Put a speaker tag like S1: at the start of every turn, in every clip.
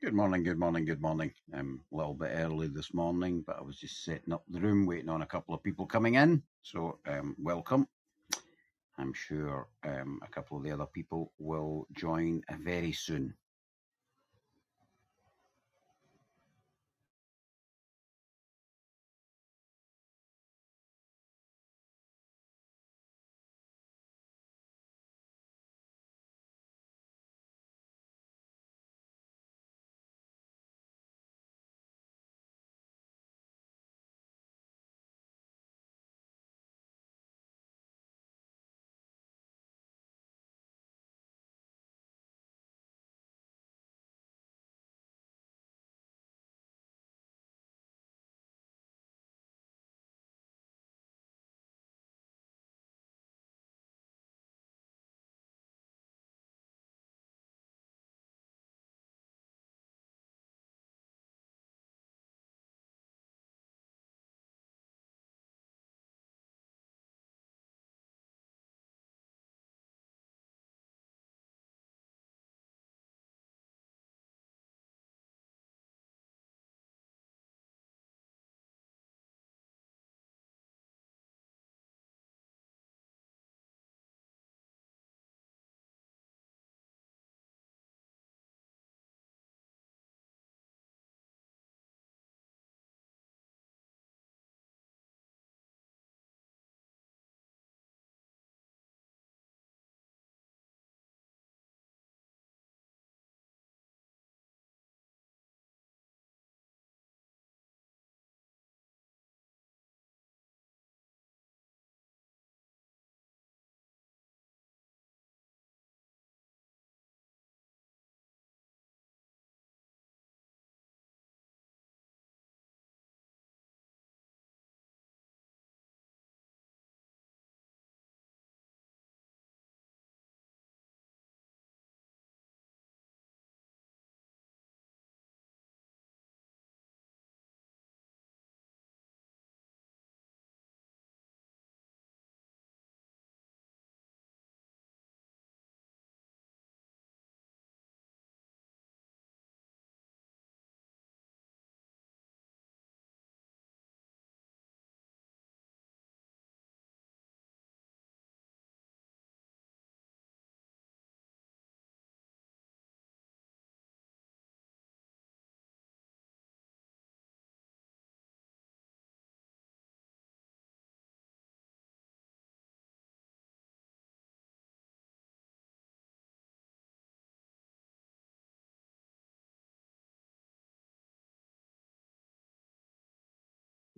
S1: Good morning, good morning, good morning. I'm a little bit early this morning, but I was just setting up the room, waiting on a couple of people coming in. So, um, welcome. I'm sure um, a couple of the other people will join very soon.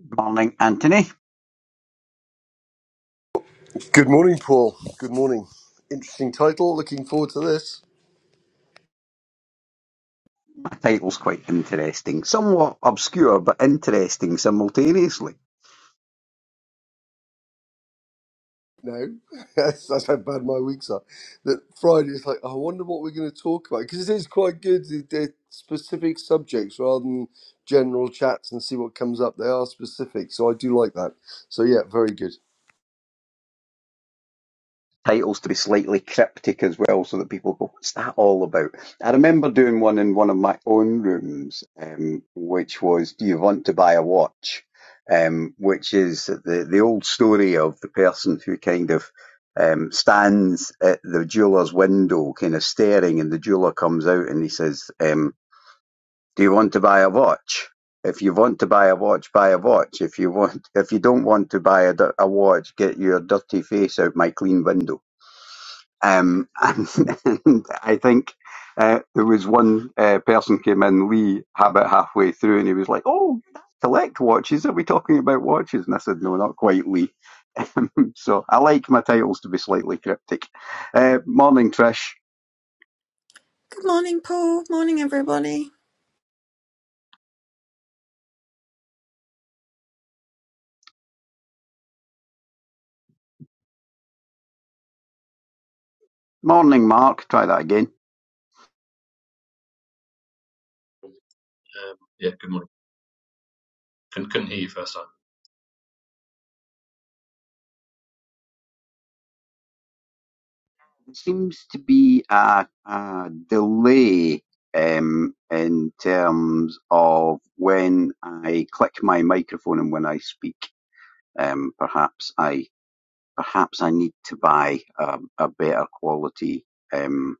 S1: Good morning, Anthony.
S2: Good morning, Paul. Good morning. Interesting title. Looking forward to this.
S1: My title's quite interesting, somewhat obscure, but interesting simultaneously.
S2: No, that's, that's how bad my weeks are. That Friday is like, I wonder what we're going to talk about because it is quite good. They're they're specific subjects rather than general chats and see what comes up. They are specific, so I do like that. So yeah, very good.
S1: titles to be slightly cryptic as well, so that people go, "What's that all about?" I remember doing one in one of my own rooms, um, which was, "Do you want to buy a watch?" Um, which is the the old story of the person who kind of um, stands at the jeweler's window, kind of staring, and the jeweler comes out and he says, um, "Do you want to buy a watch?" If you want to buy a watch, buy a watch. If you want, if you don't want to buy a a watch, get your dirty face out my clean window um, and, and I think uh, there was one uh, person came in, Lee, about halfway through, and he was like, "Oh, collect watches. Are we talking about watches?" And I said, "No, not quite, Lee." So I like my titles to be slightly cryptic. Uh, morning, Trish.
S3: Good morning, Paul. Morning, everybody.
S1: Morning, Mark. Try that again.
S4: Um, yeah, good morning. Couldn't, couldn't hear you first time.
S1: It seems to be a, a delay um, in terms of when I click my microphone and when I speak. Um, perhaps I perhaps I need to buy a, a better quality. Um,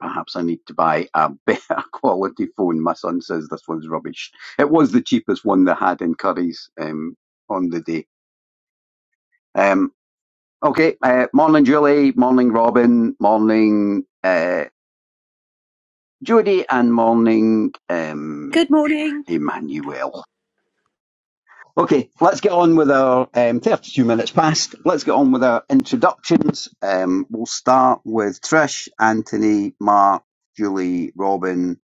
S1: perhaps I need to buy a better quality phone. My son says this one's rubbish. It was the cheapest one they had in Curry's um, on the day. Um, okay, uh, morning Julie, morning Robin, morning uh, Judy, and morning um,
S5: Good morning.
S1: Emmanuel. Okay, let's get on with our um, 32 minutes past. Let's get on with our introductions. Um, we'll start with Trish, Anthony, Mark, Julie, Robin,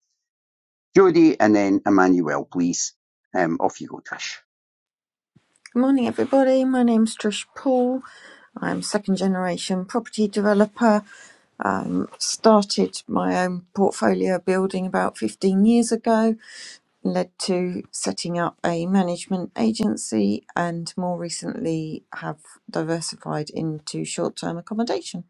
S1: Jodie, and then Emmanuel, please. Um, off you go, Trish.
S3: Good morning, everybody. My name's Trish Paul. I'm second generation property developer. Um, started my own portfolio building about 15 years ago, led to setting up a management agency, and more recently have diversified into short term accommodation.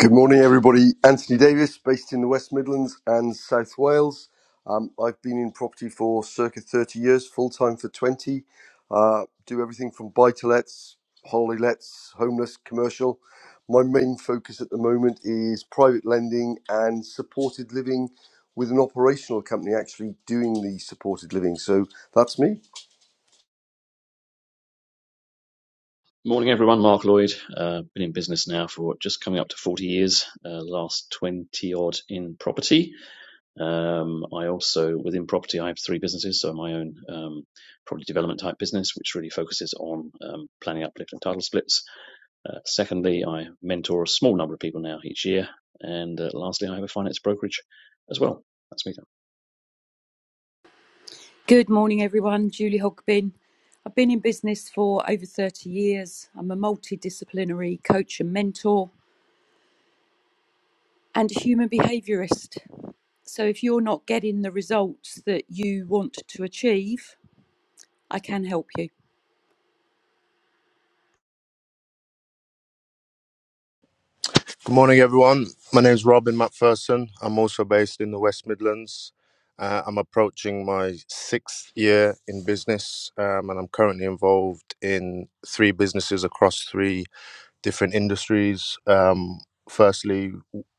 S2: Good morning, everybody. Anthony Davis, based in the West Midlands and South Wales. Um, I've been in property for circa 30 years, full time for 20. Uh, do everything from buy to lets, holiday lets, homeless, commercial. My main focus at the moment is private lending and supported living with an operational company actually doing the supported living. So that's me.
S4: Morning, everyone. Mark Lloyd. Uh, been in business now for just coming up to 40 years, uh, last 20 odd in property. Um, I also, within property, I have three businesses. So my own um, property development type business, which really focuses on um, planning uplift and title splits. Uh, secondly, I mentor a small number of people now each year. And uh, lastly, I have a finance brokerage as well. That's me.
S5: Good morning, everyone. Julie Hogbin. I've been in business for over 30 years. I'm a multidisciplinary coach and mentor and a human behaviorist. So, if you're not getting the results that you want to achieve, I can help you.
S6: Good morning, everyone. My name is Robin McPherson. I'm also based in the West Midlands. Uh, I'm approaching my sixth year in business, um, and I'm currently involved in three businesses across three different industries. Um, firstly,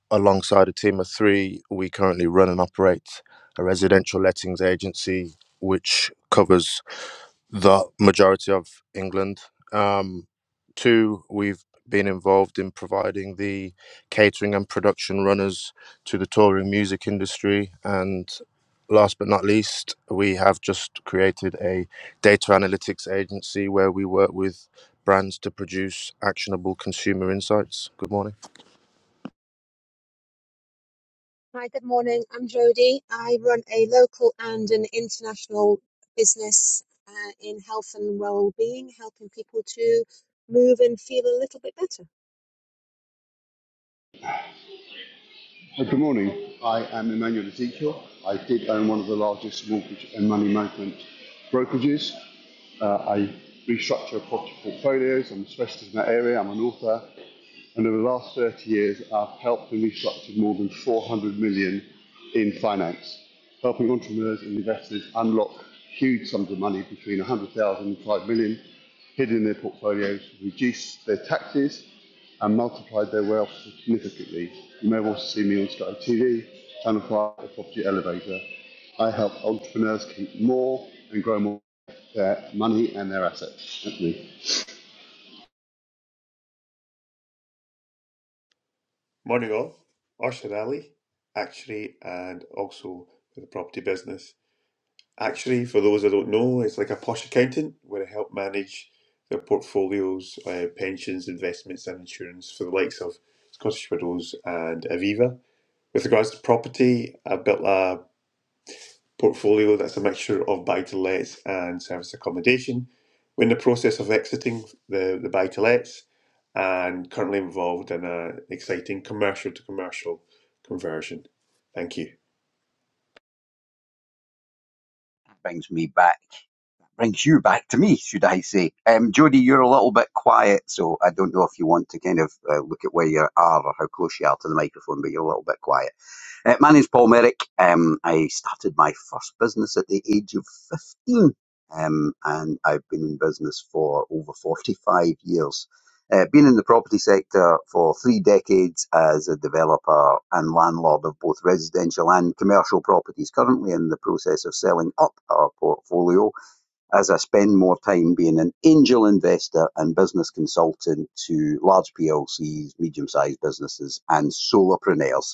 S6: alongside a team of three, we currently run and operate a residential lettings agency, which covers the majority of England. Um, two, we've been involved in providing the catering and production runners to the touring music industry. And last but not least, we have just created a data analytics agency where we work with brands to produce actionable consumer insights. Good morning.
S7: Hi, good morning. I'm Jody. I run a local and an international business uh, in health and well-being, helping people to move and feel a little bit better. I'm
S8: Uh, Good morning. I am Emmanuel Ezekiel. I did own one of the largest mortgage and money management brokerages. Uh, I restructure property portfolios. I'm a specialist in that area. I'm an author and over the last 30 years, I've helped and restructured more than 400 million in finance, helping entrepreneurs and investors unlock huge sums of money between 100,000 and 5 million hidden in their portfolios, reduce their taxes, and multiplied their wealth significantly. You may have also seen me on Sky TV, Channel 5, the Property Elevator. I help entrepreneurs keep more and grow more their money and their assets. That's me.
S9: Morning all. Arshad Ali, actuary and also with the property business. Actuary, for those that don't know, it's like a posh accountant where I help manage their portfolios, uh, pensions, investments and insurance for the likes of Scottish Widows and Aviva. With regards to property, I built a portfolio that's a mixture of buy-to-lets and service accommodation. We're in the process of exiting the the buy-to-lets and currently involved in an exciting commercial to commercial conversion. Thank you.
S1: Brings me back, brings you back to me, should I say. Um, Jodie, you're a little bit quiet, so I don't know if you want to kind of uh, look at where you are or how close you are to the microphone, but you're a little bit quiet. Uh, my name's Paul Merrick. Um, I started my first business at the age of 15, um, and I've been in business for over 45 years. Uh, been in the property sector for three decades as a developer and landlord of both residential and commercial properties. Currently in the process of selling up our portfolio as I spend more time being an angel investor and business consultant to large PLCs, medium sized businesses, and solopreneurs.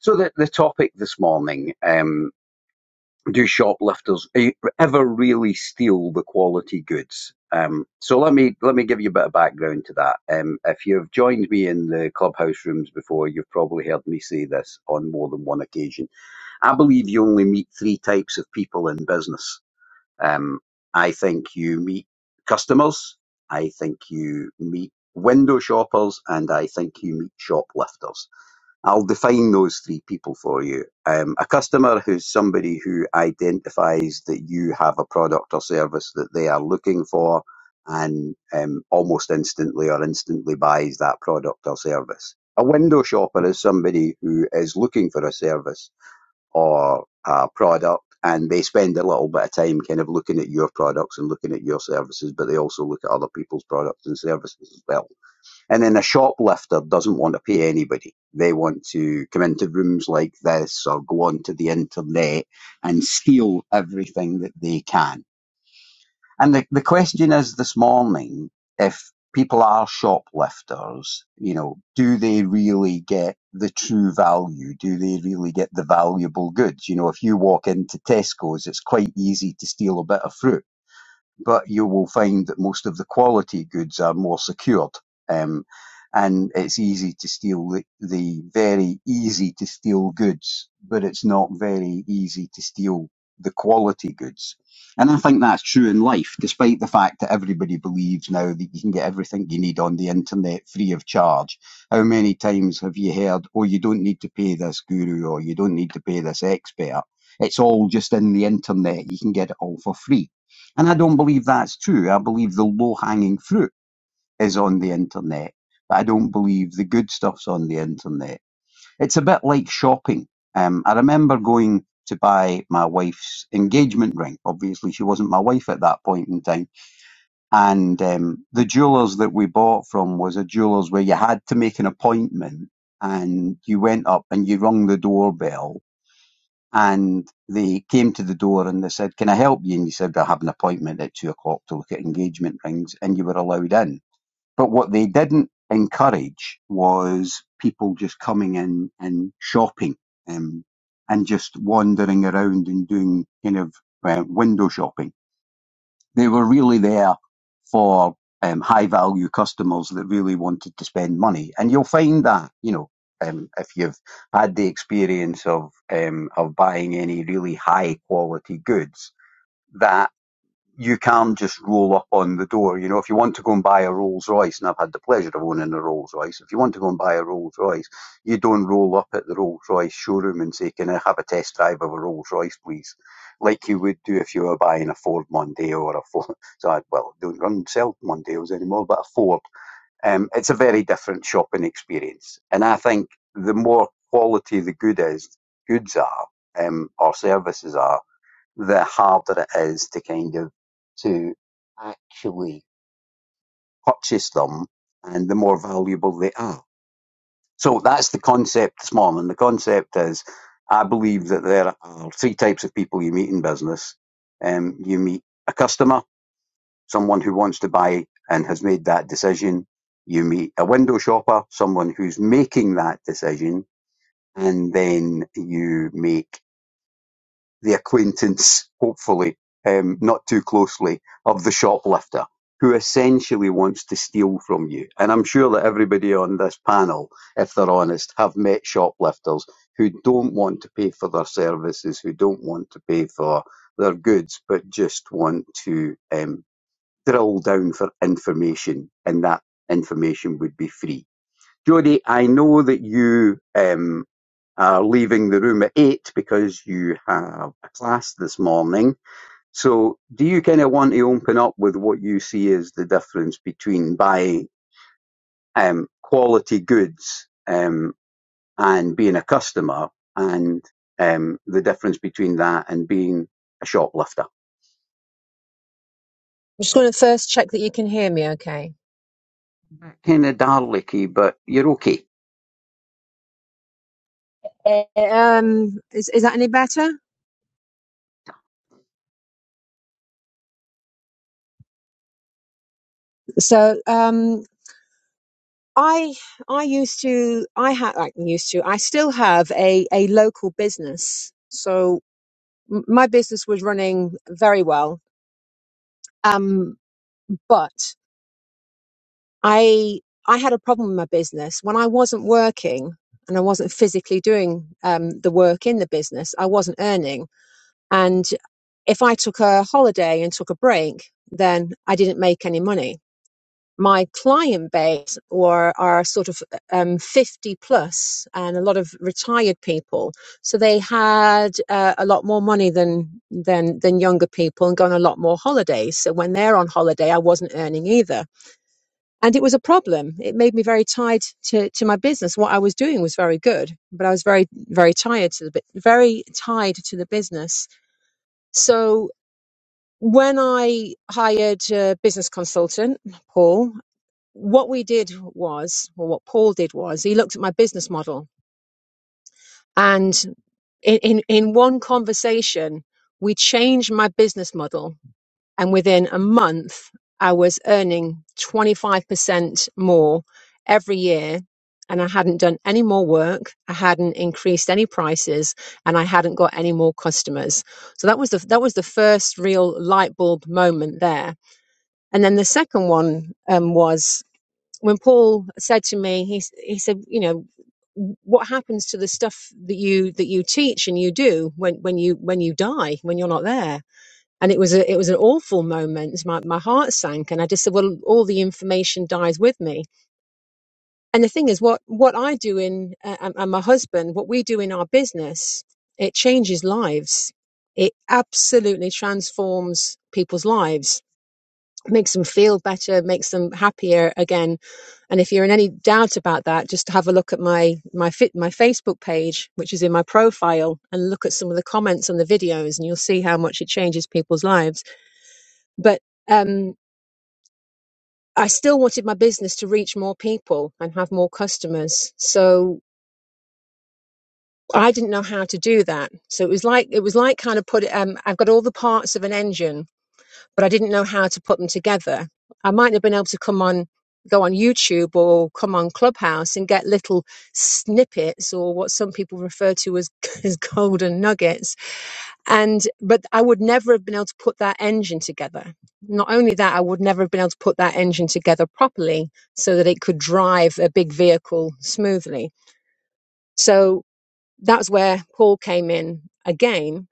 S1: So the, the topic this morning, um, do shoplifters e- ever really steal the quality goods? Um, so let me let me give you a bit of background to that. Um, if you've joined me in the clubhouse rooms before, you've probably heard me say this on more than one occasion. I believe you only meet three types of people in business. Um, I think you meet customers, I think you meet window shoppers, and I think you meet shoplifters I'll define those three people for you. Um, a customer who's somebody who identifies that you have a product or service that they are looking for and um, almost instantly or instantly buys that product or service. A window shopper is somebody who is looking for a service or a product and they spend a little bit of time kind of looking at your products and looking at your services, but they also look at other people's products and services as well and then a shoplifter doesn't want to pay anybody. They want to come into rooms like this or go onto the internet and steal everything that they can. And the, the question is this morning, if people are shoplifters, you know, do they really get the true value? Do they really get the valuable goods? You know, if you walk into Tesco's, it's quite easy to steal a bit of fruit but you will find that most of the quality goods are more secured. Um, and it's easy to steal the, the very easy to steal goods, but it's not very easy to steal the quality goods. And I think that's true in life, despite the fact that everybody believes now that you can get everything you need on the internet free of charge. How many times have you heard, oh, you don't need to pay this guru or you don't need to pay this expert? It's all just in the internet. You can get it all for free and I don't believe that's true. I believe the low hanging fruit is on the internet, but I don't believe the good stuff's on the internet. It's a bit like shopping. Um, I remember going to buy my wife's engagement ring. Obviously, she wasn't my wife at that point in time. And um, the jewellers that we bought from was a jeweller's where you had to make an appointment and you went up and you rung the doorbell and they came to the door and they said, Can I help you? And you said, I have an appointment at two o'clock to look at engagement rings, and you were allowed in. But what they didn't encourage was people just coming in and shopping um, and just wandering around and doing kind of uh, window shopping they were really there for um, high value customers that really wanted to spend money. And you'll find that, you know, um, if you've had the experience of um, of buying any really high quality goods, that you can just roll up on the door. You know, if you want to go and buy a Rolls Royce, and I've had the pleasure of owning a Rolls Royce, if you want to go and buy a Rolls Royce, you don't roll up at the Rolls Royce showroom and say, Can I have a test drive of a Rolls Royce, please? Like you would do if you were buying a Ford Mondeo or a Ford. So, I, well, don't run sell Mondeos anymore, but a Ford. Um, it's a very different shopping experience. And I think the more quality the good is, goods are, um, or services are, the harder it is to kind of to actually purchase them and the more valuable they are. So that's the concept this morning. The concept is I believe that there are three types of people you meet in business. Um, you meet a customer, someone who wants to buy and has made that decision. You meet a window shopper, someone who's making that decision. And then you meet the acquaintance, hopefully, um, not too closely, of the shoplifter who essentially wants to steal from you. And I'm sure that everybody on this panel, if they're honest, have met shoplifters who don't want to pay for their services, who don't want to pay for their goods, but just want to um, drill down for information, and that information would be free. Jody, I know that you um, uh, leaving the room at eight because you have a class this morning. So, do you kind of want to open up with what you see as the difference between buying um, quality goods um, and being a customer, and um, the difference between that and being a shoplifter?
S7: just going to first check that you can hear me okay.
S1: Kind of darlicky, but you're okay.
S7: Uh, Um, is, is that any better? So, um, I I used to I had I used to I still have a a local business. So m- my business was running very well. Um, but I I had a problem in my business when I wasn't working and I wasn't physically doing um, the work in the business. I wasn't earning, and if I took a holiday and took a break, then I didn't make any money. My client base were are sort of um, fifty plus, and a lot of retired people. So they had uh, a lot more money than than than younger people, and gone on a lot more holidays. So when they're on holiday, I wasn't earning either and it was a problem. It made me very tied to, to my business. What I was doing was very good, but I was very very tired to the bu- very tied to the business. So when I hired a business consultant, Paul, what we did was, or what Paul did was, he looked at my business model, and in in, in one conversation, we changed my business model And within a month, I was earning 25% more every year. And I hadn't done any more work. I hadn't increased any prices and I hadn't got any more customers. So that was the, that was the first real light bulb moment there. And then the second one um, was when Paul said to me, he, s- he said, you know, what happens to the stuff that you that you teach and you do when when you when you die when you're not there and it was a, it was an awful moment. My my heart sank, and I just said, "Well, all the information dies with me." And the thing is, what what I do in uh, and and my husband, what we do in our business, it changes lives. It absolutely transforms people's lives, makes them feel better, makes them happier again. And if you're in any doubt about that, just have a look at my my fit my Facebook page, which is in my profile, and look at some of the comments on the videos, and you'll see how much it changes people's lives but um, I still wanted my business to reach more people and have more customers. So I didn't know how to do that. So it was like it was like kind of put. Um, I've got all the parts of an engine, but I didn't know how to put them together. I might have been able to come on, go on YouTube or come on Clubhouse and get little snippets or what some people refer to as as golden nuggets and but i would never have been able to put that engine together not only that i would never have been able to put that engine together properly so that it could drive a big vehicle smoothly so that's where paul came in again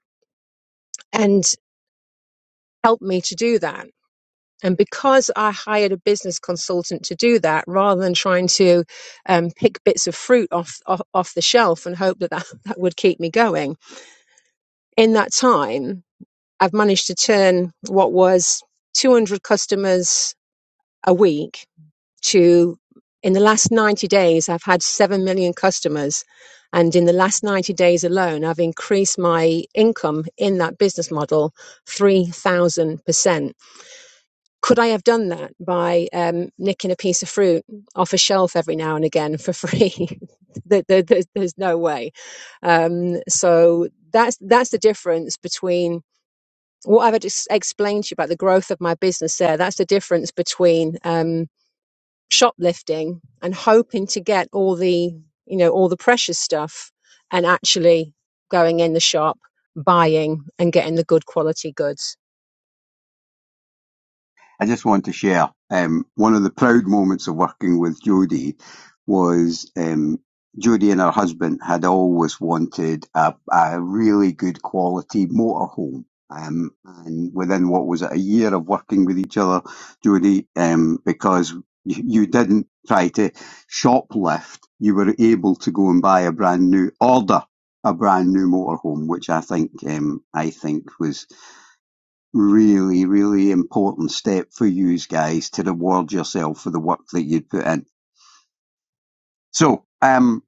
S7: and helped me to do that and because I hired a business consultant to do that, rather than trying to um, pick bits of fruit off, off off the shelf and hope that, that that would keep me going, in that time I've managed to turn what was 200 customers a week to in the last 90 days, I've had 7 million customers. And in the last 90 days alone, I've increased my income in that business model 3,000%. Could I have done that by um, nicking a piece of fruit off a shelf every now and again for free? there, there, there's, there's no way. Um, so that's, that's the difference between what I've just explained to you about the growth of my business there, that's the difference between um, shoplifting and hoping to get all the, you know, all the precious stuff and actually going in the shop, buying and getting the good quality goods.
S1: I just want to share um, one of the proud moments of working with Jodie was um, Jodie and her husband had always wanted a, a really good quality motorhome. Um, and within what was it, a year of working with each other, Jodie, um, because you you didn't try to shoplift, you were able to go and buy a brand new order, a brand new motorhome, which I think um, I think was really, really important step for you guys to reward yourself for the work that you put in. So, um,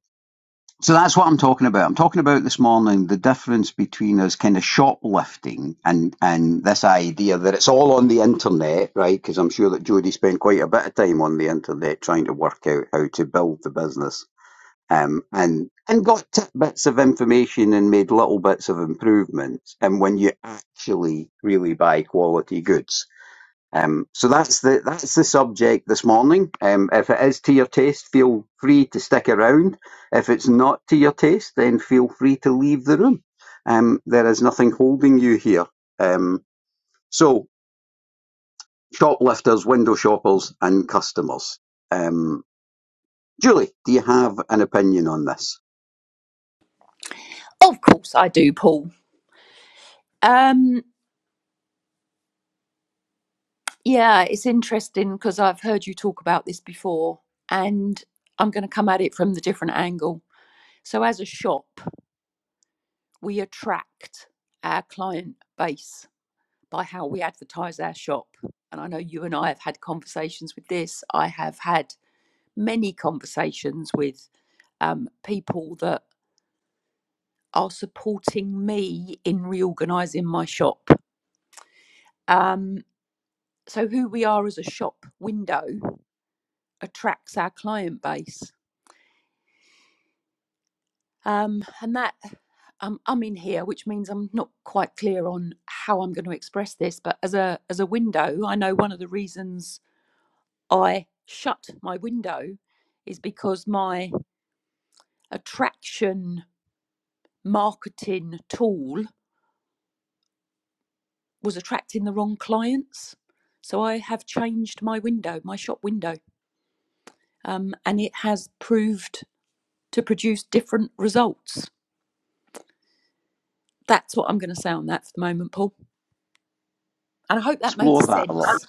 S1: so that's what I'm talking about. I'm talking about this morning the difference between us kind of shoplifting and and this idea that it's all on the internet, right? Because I'm sure that Jody spent quite a bit of time on the internet trying to work out how to build the business, um, and and got tidbits of information and made little bits of improvements. And when you actually really buy quality goods um, so that's the that's the subject this morning. Um, if it is to your taste, feel free to stick around. If it's not to your taste, then feel free to leave the room. Um, there is nothing holding you here. Um, so shoplifters, window shoppers, and customers. Um, Julie, do you have an opinion on this?
S5: Of course, I do, Paul. Um, yeah, it's interesting because I've heard you talk about this before, and I'm going to come at it from the different angle. So, as a shop, we attract our client base by how we advertise our shop. And I know you and I have had conversations with this. I have had many conversations with um, people that are supporting me in reorganizing my shop. Um, so, who we are as a shop window attracts our client base. Um, and that um, I'm in here, which means I'm not quite clear on how I'm going to express this. But as a as a window, I know one of the reasons I shut my window is because my attraction marketing tool was attracting the wrong clients. So I have changed my window, my shop window, um, and it has proved to produce different results. That's what I'm going to say on that for the moment, Paul. And I hope that made
S1: Explore that a little.
S5: sense.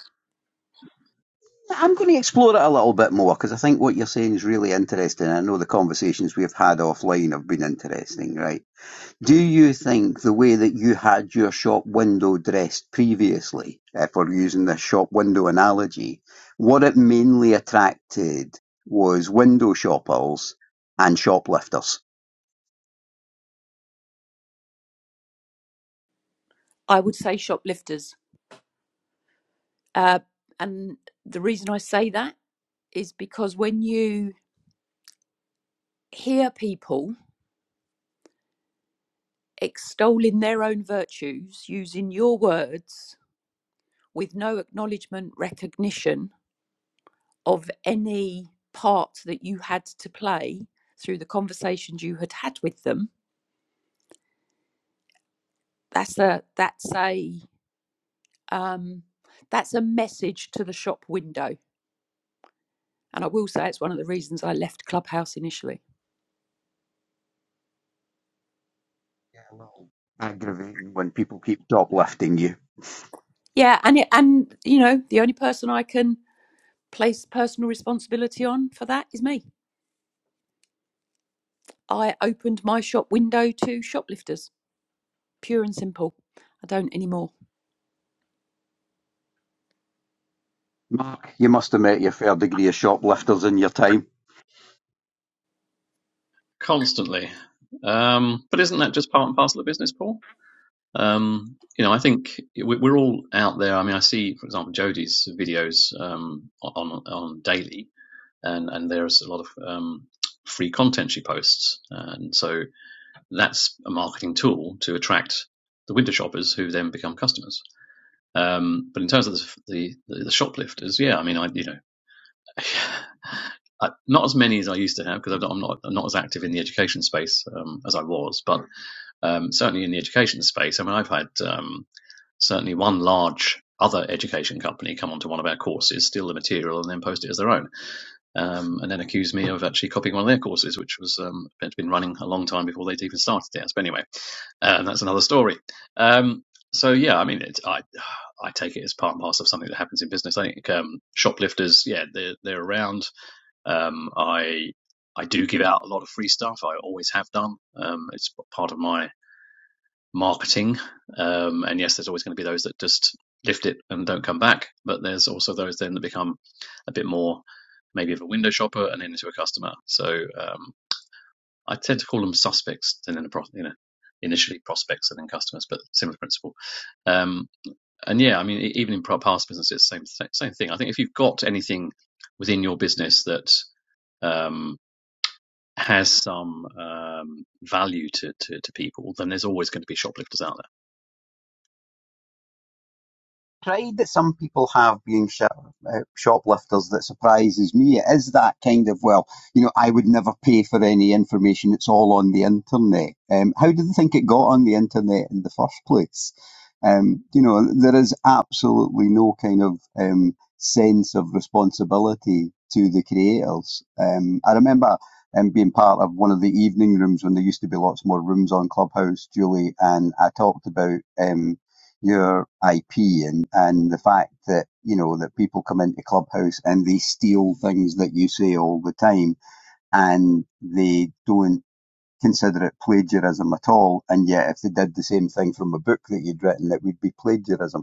S1: I'm going to explore it a little bit more because I think what you're saying is really interesting. I know the conversations we've had offline have been interesting, right? Do you think the way that you had your shop window dressed previously, if we're using the shop window analogy, what it mainly attracted was window shoppers and shoplifters?
S5: I would say shoplifters. Uh, and the reason I say that is because when you hear people extolling their own virtues using your words with no acknowledgement, recognition of any part that you had to play through the conversations you had had with them. That's a that's a um, that's a message to the shop window, and I will say it's one of the reasons I left Clubhouse initially.
S1: Yeah, a little aggravating when people keep shoplifting you.
S5: Yeah, and it, and you know the only person I can place personal responsibility on for that is me. I opened my shop window to shoplifters pure and simple. I don't anymore.
S1: Mark, you must have met your fair degree of shoplifters in your time.
S4: Constantly. Um, but isn't that just part and parcel of business, Paul? Um, you know, I think we- are all out there. I mean, I see, for example, Jodie's videos um, on on daily, and and there's a lot of um, free content she posts, and so that's a marketing tool to attract the window shoppers who then become customers. Um, but in terms of the, the the shoplifters, yeah, I mean, I you know. I, not as many as I used to have because I'm not, I'm not I'm not as active in the education space um, as I was, but um, certainly in the education space. I mean, I've had um, Certainly one large other education company come onto one of our courses, steal the material, and then post it as their own, um, and then accuse me of actually copying one of their courses, which was um, been running a long time before they'd even started it. But anyway, um, that's another story. Um, so yeah, I mean, it's, I I take it as part and parcel of something that happens in business. I think um, shoplifters, yeah, they're they're around. Um, I I do give out a lot of free stuff. I always have done. Um, it's part of my marketing. Um, and yes, there's always going to be those that just lift it and don't come back. But there's also those then that become a bit more maybe of a window shopper and then into a customer. So um, I tend to call them suspects and then a pro- you know initially prospects and then customers, but similar principle. Um, and yeah, I mean e- even in pro- past businesses, same th- same thing. I think if you've got anything within your business that um, has some um, value to, to, to people, then there's always going to be shoplifters out
S1: pride that some people have being sh- uh, shoplifters that surprises me It is that kind of well you know i would never pay for any information it's all on the internet um, how do you think it got on the internet in the first place um, you know there is absolutely no kind of um, sense of responsibility to the creators um, i remember um, being part of one of the evening rooms when there used to be lots more rooms on clubhouse julie and i talked about um, your IP and, and the fact that, you know, that people come into Clubhouse and they steal things that you say all the time and they don't consider it plagiarism at all. And yet if they did the same thing from a book that you'd written, it would be plagiarism.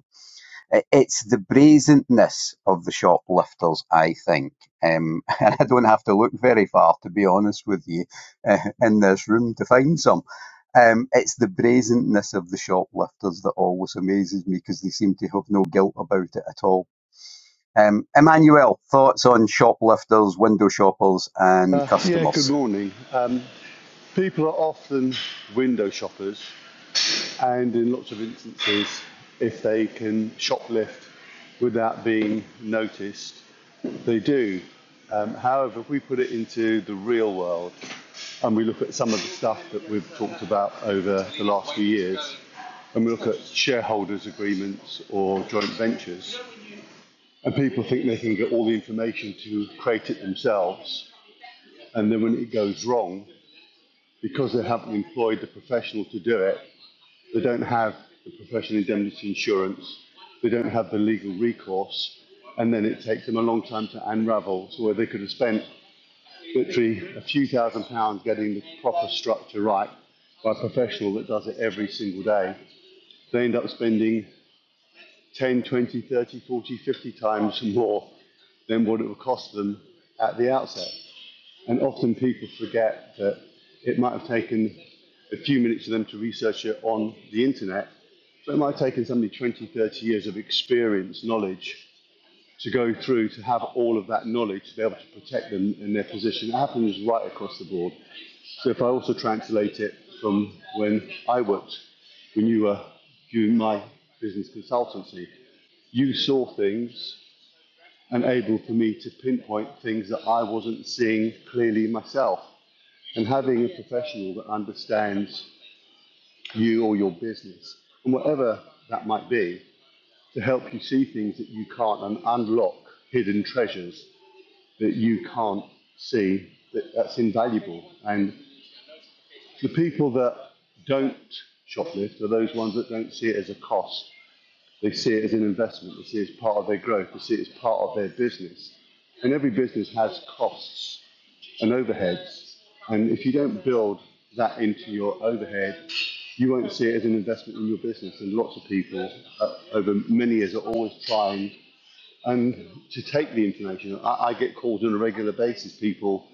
S1: It's the brazenness of the shoplifters, I think. Um, and I don't have to look very far, to be honest with you, uh, in this room to find some. Um, it's the brazenness of the shoplifters that always amazes me because they seem to have no guilt about it at all. Um, Emmanuel, thoughts on shoplifters, window shoppers, and
S8: Uh, yeah,
S1: customers?
S8: good morning. Um, people are often window shoppers, and in lots of instances, if they can shoplift without being noticed, they do. Um, however, if we put it into the real world and we look at some of the stuff that we've talked about over the last few years, and we look at shareholders' agreements or joint ventures, and people think they can get all the information to create it themselves and then when it goes wrong, because they haven't employed the professional to do it, they don't have the professional indemnity insurance, they don't have the legal recourse, and then it takes them a long time to unravel. So where they could have spent literally a few thousand pounds getting the proper structure right by a professional that does it every single day, they end up spending 10, 20, 30, 40, 50 times more than what it would cost them at the outset. And often people forget that it might have taken a few minutes for them to research it on the internet, but it might have taken somebody 20, 30 years of experience, knowledge to go through to have all of that knowledge to be able to protect them in their position. It happens right across the board. So if I also translate it from when I worked, when you were doing my business consultancy, you saw things and able for me to pinpoint things that I wasn't seeing clearly myself and having a professional that understands you or your business and whatever that might be to help you see things that you can't and unlock hidden treasures that you can't see that, that's invaluable and the people that don't shoplift are those ones that don't see it as a cost they see it as an investment they see it as part of their growth they see it as part of their business and every business has costs and overheads. And if you don't build that into your overhead, you won't see it as an investment in your business. And lots of people uh, over many years are always trying and to take the information. I, I get calls on a regular basis, people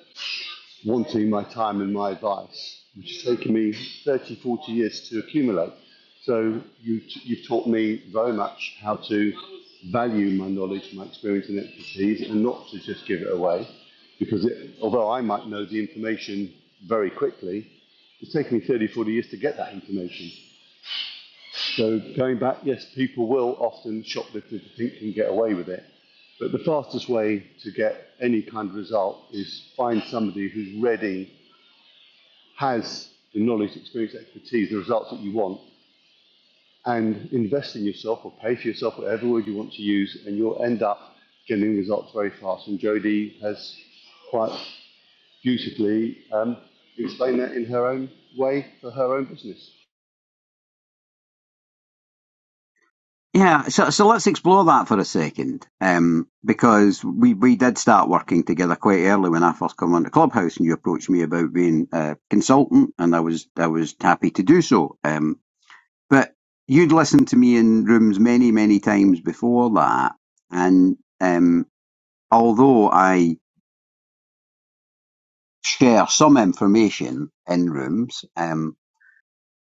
S8: wanting my time and my advice, which has taken me 30, 40 years to accumulate. So you, you've taught me very much how to value my knowledge, my experience and expertise, and not to just give it away. Because it, although I might know the information very quickly, it's taken me 30, 40 years to get that information. So going back, yes, people will often shoplift if they think they can get away with it. But the fastest way to get any kind of result is find somebody who's ready has the knowledge, experience, expertise, the results that you want, and invest in yourself or pay for yourself, whatever word you want to use, and you'll end up getting results very fast. And Jodie has quite beautifully um, explained that in her own way for her own business.
S1: Yeah, so so let's explore that for a second, um, because we we did start working together quite early when I first came on the clubhouse, and you approached me about being a consultant, and I was I was happy to do so. Um, but you'd listened to me in rooms many many times before that, and um, although I share some information in rooms, um,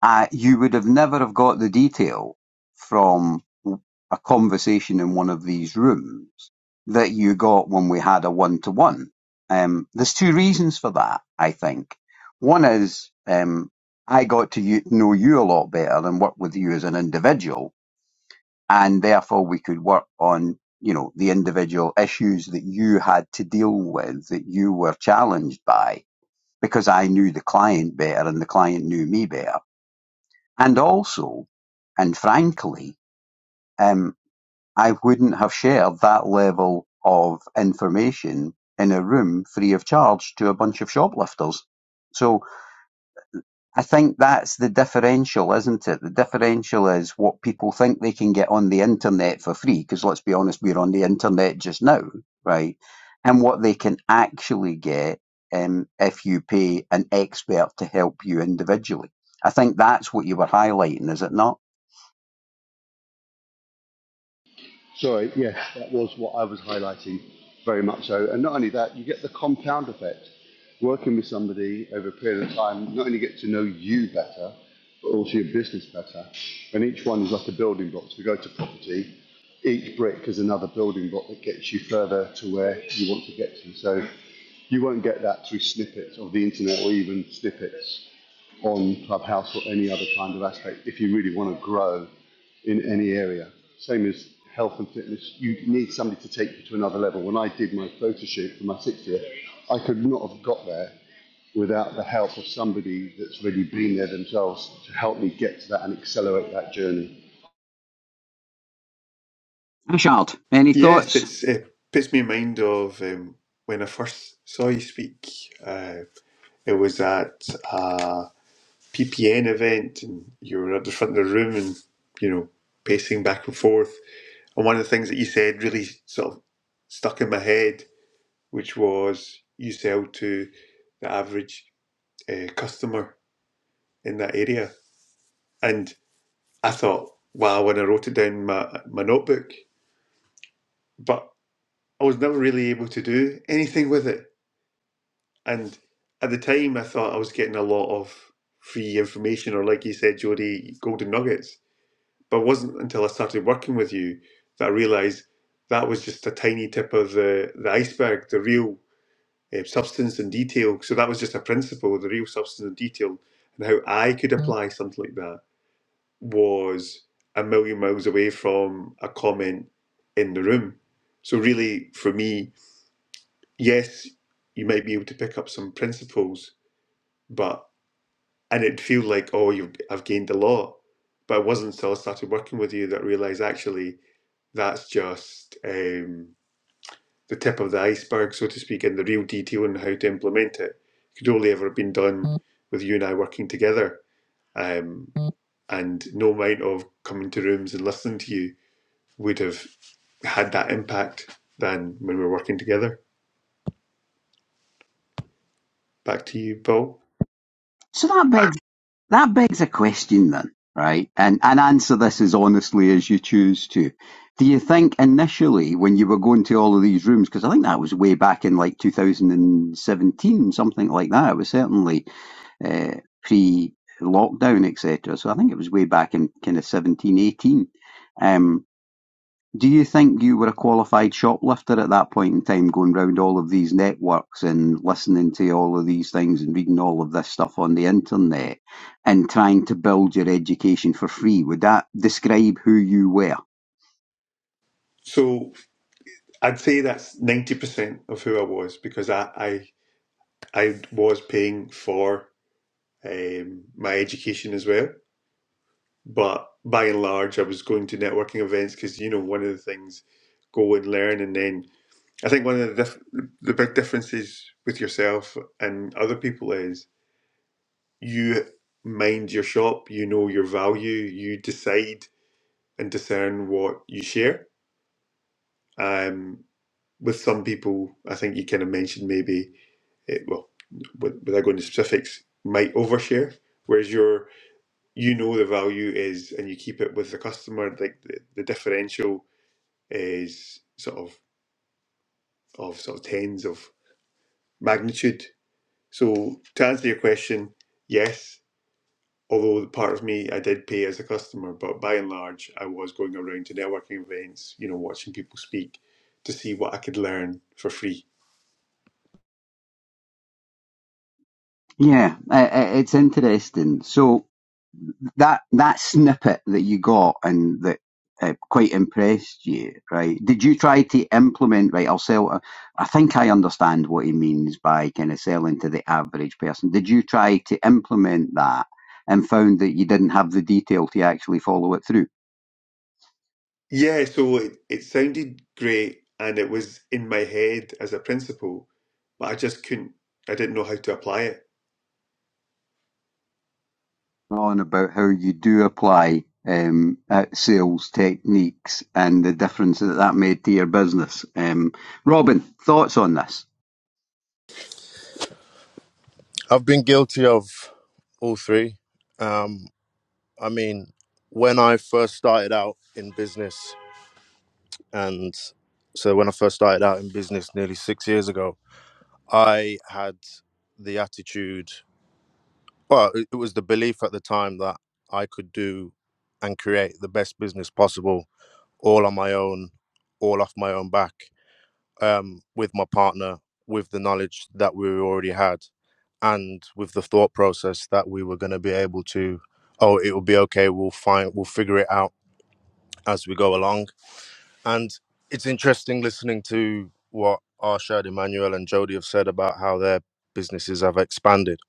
S1: Uh, you would have never have got the detail from a conversation in one of these rooms that you got when we had a one to one. There's two reasons for that, I think. One is um, I got to you, know you a lot better and work with you as an individual, and therefore we could work on you know the individual issues that you had to deal with that you were challenged by because I knew the client better and the client knew me better and also, and frankly, um, I wouldn't have shared that level of information in a room free of charge to a bunch of shoplifters. So I think that's the differential, isn't it? The differential is what people think they can get on the internet for free, because let's be honest, we're on the internet just now, right? And what they can actually get um, if you pay an expert to help you individually. I think that's what you were highlighting, is it not?
S8: Sorry, yes, that was what I was highlighting very much so. And not only that, you get the compound effect. Working with somebody over a period of time, not only get to know you better, but also your business better. And each one is like a building block. So we go to property, each brick is another building block that gets you further to where you want to get to. So you won't get that through snippets of the internet or even snippets on Clubhouse or any other kind of aspect if you really want to grow in any area. Same as health and fitness. You need somebody to take you to another level. When I did my photo shoot for my sixth year, I could not have got there without the help of somebody that's really been there themselves to help me get to that and accelerate that journey.
S1: Ashard, any
S9: Yes,
S1: thoughts?
S9: it's it puts me in mind of um, when I first saw you speak. Uh, it was at a PPN event, and you were at the front of the room, and you know, pacing back and forth. And one of the things that you said really sort of stuck in my head which was you sell to the average uh, customer in that area. And I thought, wow, when I wrote it down in my, my notebook, but I was never really able to do anything with it. And at the time, I thought I was getting a lot of free information, or like you said, Jody, golden nuggets. But it wasn't until I started working with you that I realised that was just a tiny tip of the, the iceberg. The real um, substance and detail. So that was just a principle, the real substance and detail, and how I could Mm. apply something like that was a million miles away from a comment in the room. So really, for me, yes, you might be able to pick up some principles, but and it'd feel like, oh, you've I've gained a lot. But it wasn't until I started working with you that I realised actually that's just. Um, the tip of the iceberg, so to speak, and the real detail on how to implement it could only ever have been done with you and I working together. Um, and no amount of coming to rooms and listening to you would have had that impact than when we were working together. Back to you, Paul.
S1: So that begs that begs a question then, right? And and answer this as honestly as you choose to. Do you think initially when you were going to all of these rooms, because I think that was way back in like 2017, something like that. It was certainly uh, pre-lockdown, etc. So I think it was way back in kind of 1718. Um, Do you think you were a qualified shoplifter at that point in time, going round all of these networks and listening to all of these things and reading all of this stuff on the internet and trying to build your education for free? Would that describe who you were?
S9: So I'd say that's ninety percent of who I was because I I, I was paying for um, my education as well, but by and large, I was going to networking events because you know one of the things go and learn, and then I think one of the diff- the big differences with yourself and other people is you mind your shop, you know your value, you decide and discern what you share. Um, with some people, I think you kind of mentioned maybe it, well, with- without going into specifics, might overshare, whereas you're you know the value is and you keep it with the customer like the, the differential is sort of of sort of tens of magnitude. So to answer your question, yes, although part of me I did pay as a customer, but by and large I was going around to networking events, you know, watching people speak to see what I could learn for free.
S1: Yeah, i it's interesting. So, that that snippet that you got and that uh, quite impressed you, right? Did you try to implement, right? I'll sell. uh, I think I understand what he means by kind of selling to the average person. Did you try to implement that and found that you didn't have the detail to actually follow it through?
S9: Yeah, so it, it sounded great and it was in my head as a principle, but I just couldn't I didn't know how to apply it.
S1: On about how you do apply um, uh, sales techniques and the difference that that made to your business. Um, Robin, thoughts on this?
S6: I've been guilty of all three. Um, I mean, when I first started out in business, And so when I first started out in business nearly six years ago, I had the attitude, well, it it was the belief at the time that I could do and create the best business possible all on my own, all off my own back, um, with my partner, with the knowledge that we already had, and with the thought process that we were going to be able to, oh, it will be okay, we'll find, we'll figure it out as we go along And it's interesting listening to what Arshad, Emmanuel, and Jody have said about how their businesses have expanded.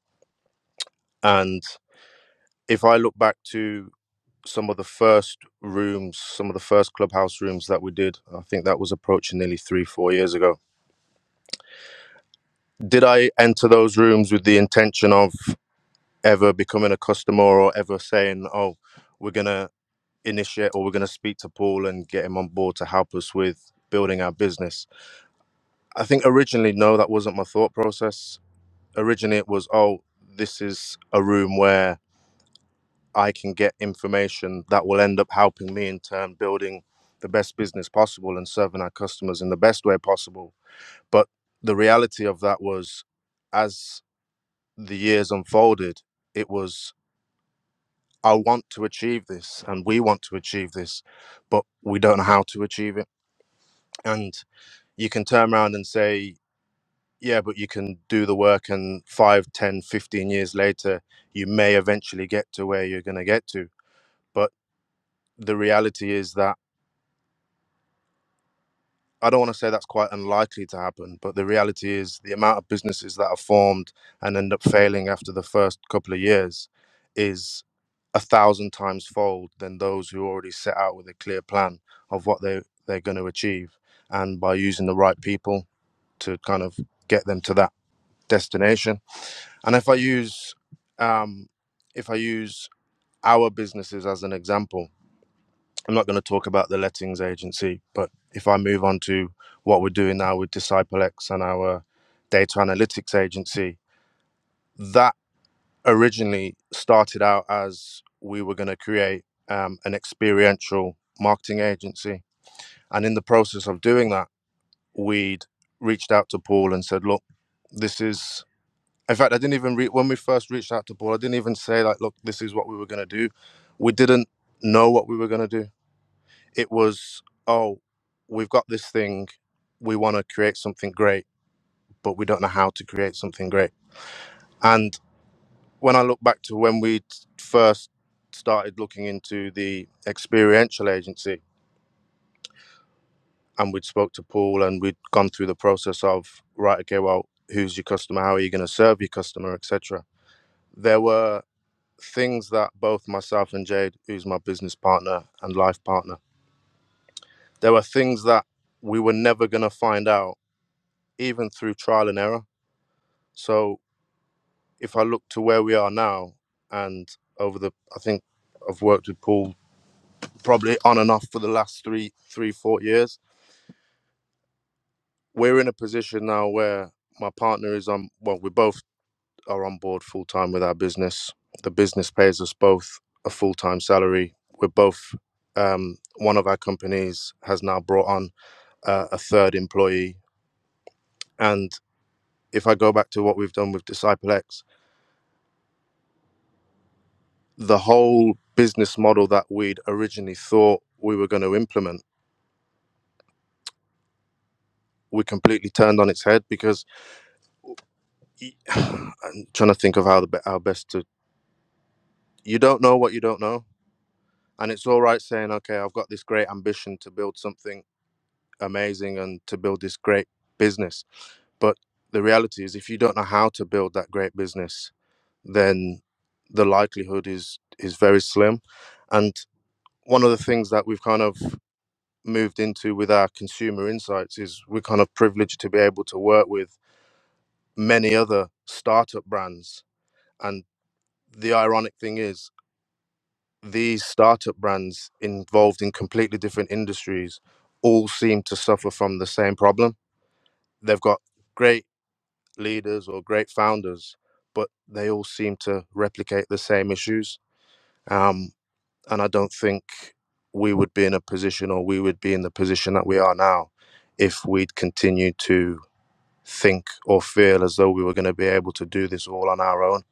S6: And if I look back to some of the first rooms, some of the first clubhouse rooms that we did, I think that was approaching nearly three, four years ago. Did I enter those rooms with the intention of ever becoming a customer or ever saying, oh, we're going to initiate or we're going to speak to Paul and get him on board to help us with building our business? I think originally, no, that wasn't my thought process. originally it was oh this is a room where i can get information that will end up helping me in turn building the best business possible and serving our customers in the best way possible but the reality of that was as the years unfolded it was i want to achieve this and we want to achieve this but we don't know how to achieve it and you can turn around and say yeah but you can do the work and 5, 10, 15 years later you may eventually get to where you're going to get to but the reality is that i don't want to say that's quite unlikely to happen but the reality is the amount of businesses that are formed and end up failing after the first couple of years is a thousand times fold than those who already set out with a clear plan of what they they're going to achieve and by using the right people to kind of get them to that destination And if I use um, if I use our businesses as an example, I'm not going to talk about the lettings agency, but if I move on to what we're doing now with Disciple X and our data analytics agency, that originally started out as we were going to create um, an experiential marketing agency. And in the process of doing that, we'd reached out to Paul and said, look, this is In fact, I didn't even re- when we first reached out to Paul, I didn't even say like, "Look, this is what we were gonna do." We didn't know what we were gonna do. It was, "Oh, we've got this thing. We want to create something great, but we don't know how to create something great." And when I look back to when we first started looking into the experiential agency, and we'd spoke to Paul, and we'd gone through the process of right, okay, well, who's your customer? How are you going to serve your customer, etc. There were things that both myself and Jade, who's my business partner and life partner, there were things that we were never going to find out, even through trial and error. So if I look to where we are now, and over the, I think I've worked with Paul probably on and off for the last three, three, four years, we're in a position now where my partner is on, well, we're both. are on board full time with our business. The business pays us both a full time salary. We're both, um, one of our companies has now brought on uh, a third employee. And if I go back to what we've done with Disciple X, the whole business model that we'd originally thought we were going to implement, we completely turned on its head because i I'm trying to think of how the how best to. You don't know what you don't know, and it's all right saying, "Okay, I've got this great ambition to build something." amazing and to build this great business. But the reality is, if you don't know how to build that great business, then the likelihood is is very slim. And one of the things that we've kind of moved into with our consumer insights is we're kind of privileged to be able to work with many other startup brands. And the ironic thing is, these startup brands involved in completely different industries all seem to suffer from the same problem. They've got great leaders or great founders, but they all seem to replicate the same issues. Um, and I don't think we would be in a position or we would be in the position that we are now if we'd continued to think or feel as though we were going to be able to do this all on our own.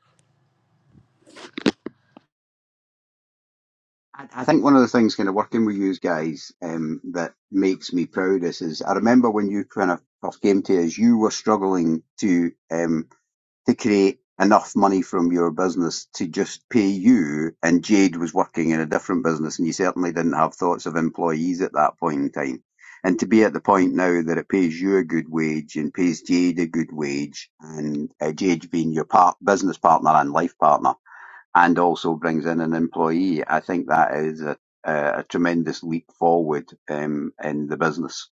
S1: I, I think one of the things kind of working with you guys um, that makes me proudest is I remember when you kind of first came to us, you were struggling to um, to create enough money from your business to just pay you, and Jade was working in a different business, and you certainly didn't have thoughts of employees at that point in time. And to be at the point now that it pays you a good wage and pays Jade a good wage, and uh, Jade being your part, business partner and life partner and also brings in an employee, I think that is a, a, a tremendous leap forward um, in the business.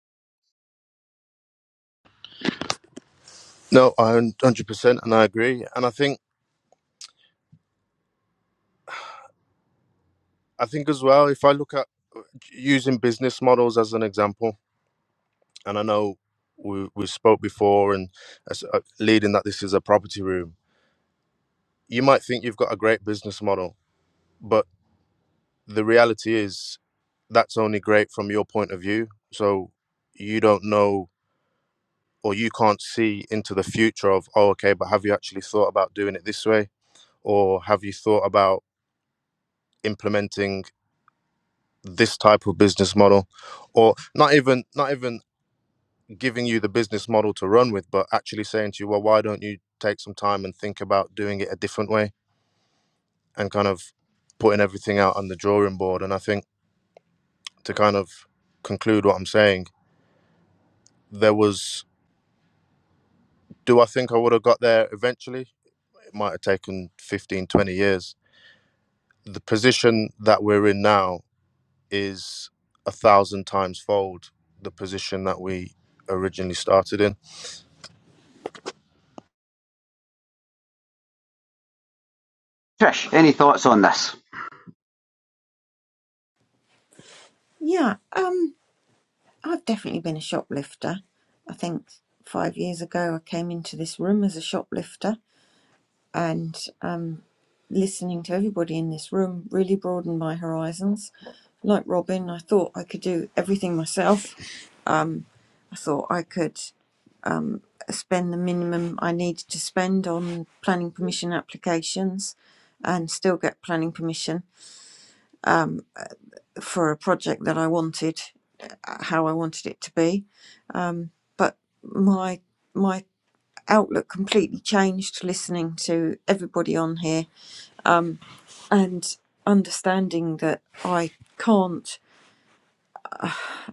S6: No, I 100% and I agree. And I think I think as well if I look at using business models as an example, and I know we we spoke before and as, uh, leading that this is a property room you might think you've got a great business model, but the reality is that's only great from your point of view. So you don't know or you can't see into the future of, oh, okay, but have you actually thought about doing it this way? Or have you thought about implementing this type of business model? Or not even not even giving you the business model to run with, but actually saying to you, well, why don't you take some time and think about doing it a different way and kind of putting everything out on the drawing board? And I think to kind of conclude what I'm saying, there was, do I think I would have got there eventually? It might have taken 15, 20 years. The position that we're in now is a thousand times fold the position that we originally started in.
S1: Trish, any thoughts on this?
S3: Yeah, um, I've definitely been a shoplifter. I think five years ago I came into this room as a shoplifter and um, listening to everybody in this room really broadened my horizons. Like Robin, I thought I could do everything myself. I thought I could spend the minimum I needed to spend on planning permission applications and still get planning permission for a project that I wanted, uh, how I wanted it to be. But my my outlook completely changed listening to everybody on here and understanding that I can't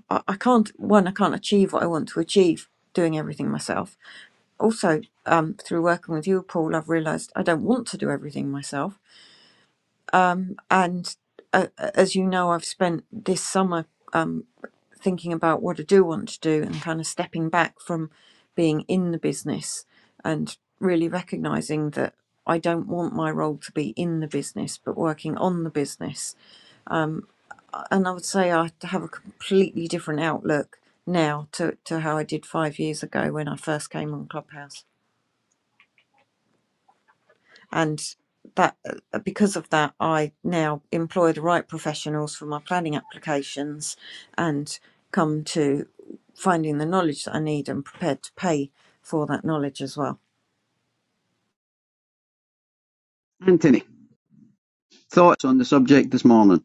S3: I, I can't one I can't achieve what I want to achieve doing everything myself. Also, um, through working with you, Paul, I've realised I don't want to do everything myself. And uh, as you know, I've spent this summer um, thinking about what I do want to do and kind of stepping back from being in the business and really recognising that I don't want my role to be in the business, but working on the business and I would say I have a completely different outlook now to, to how I did five years ago when I first came on Clubhouse. And that uh, because of that, I now employ the right professionals for my planning applications and come to finding the knowledge that I need and prepared to pay for that knowledge as well.
S1: Anthony, thoughts on the subject this morning?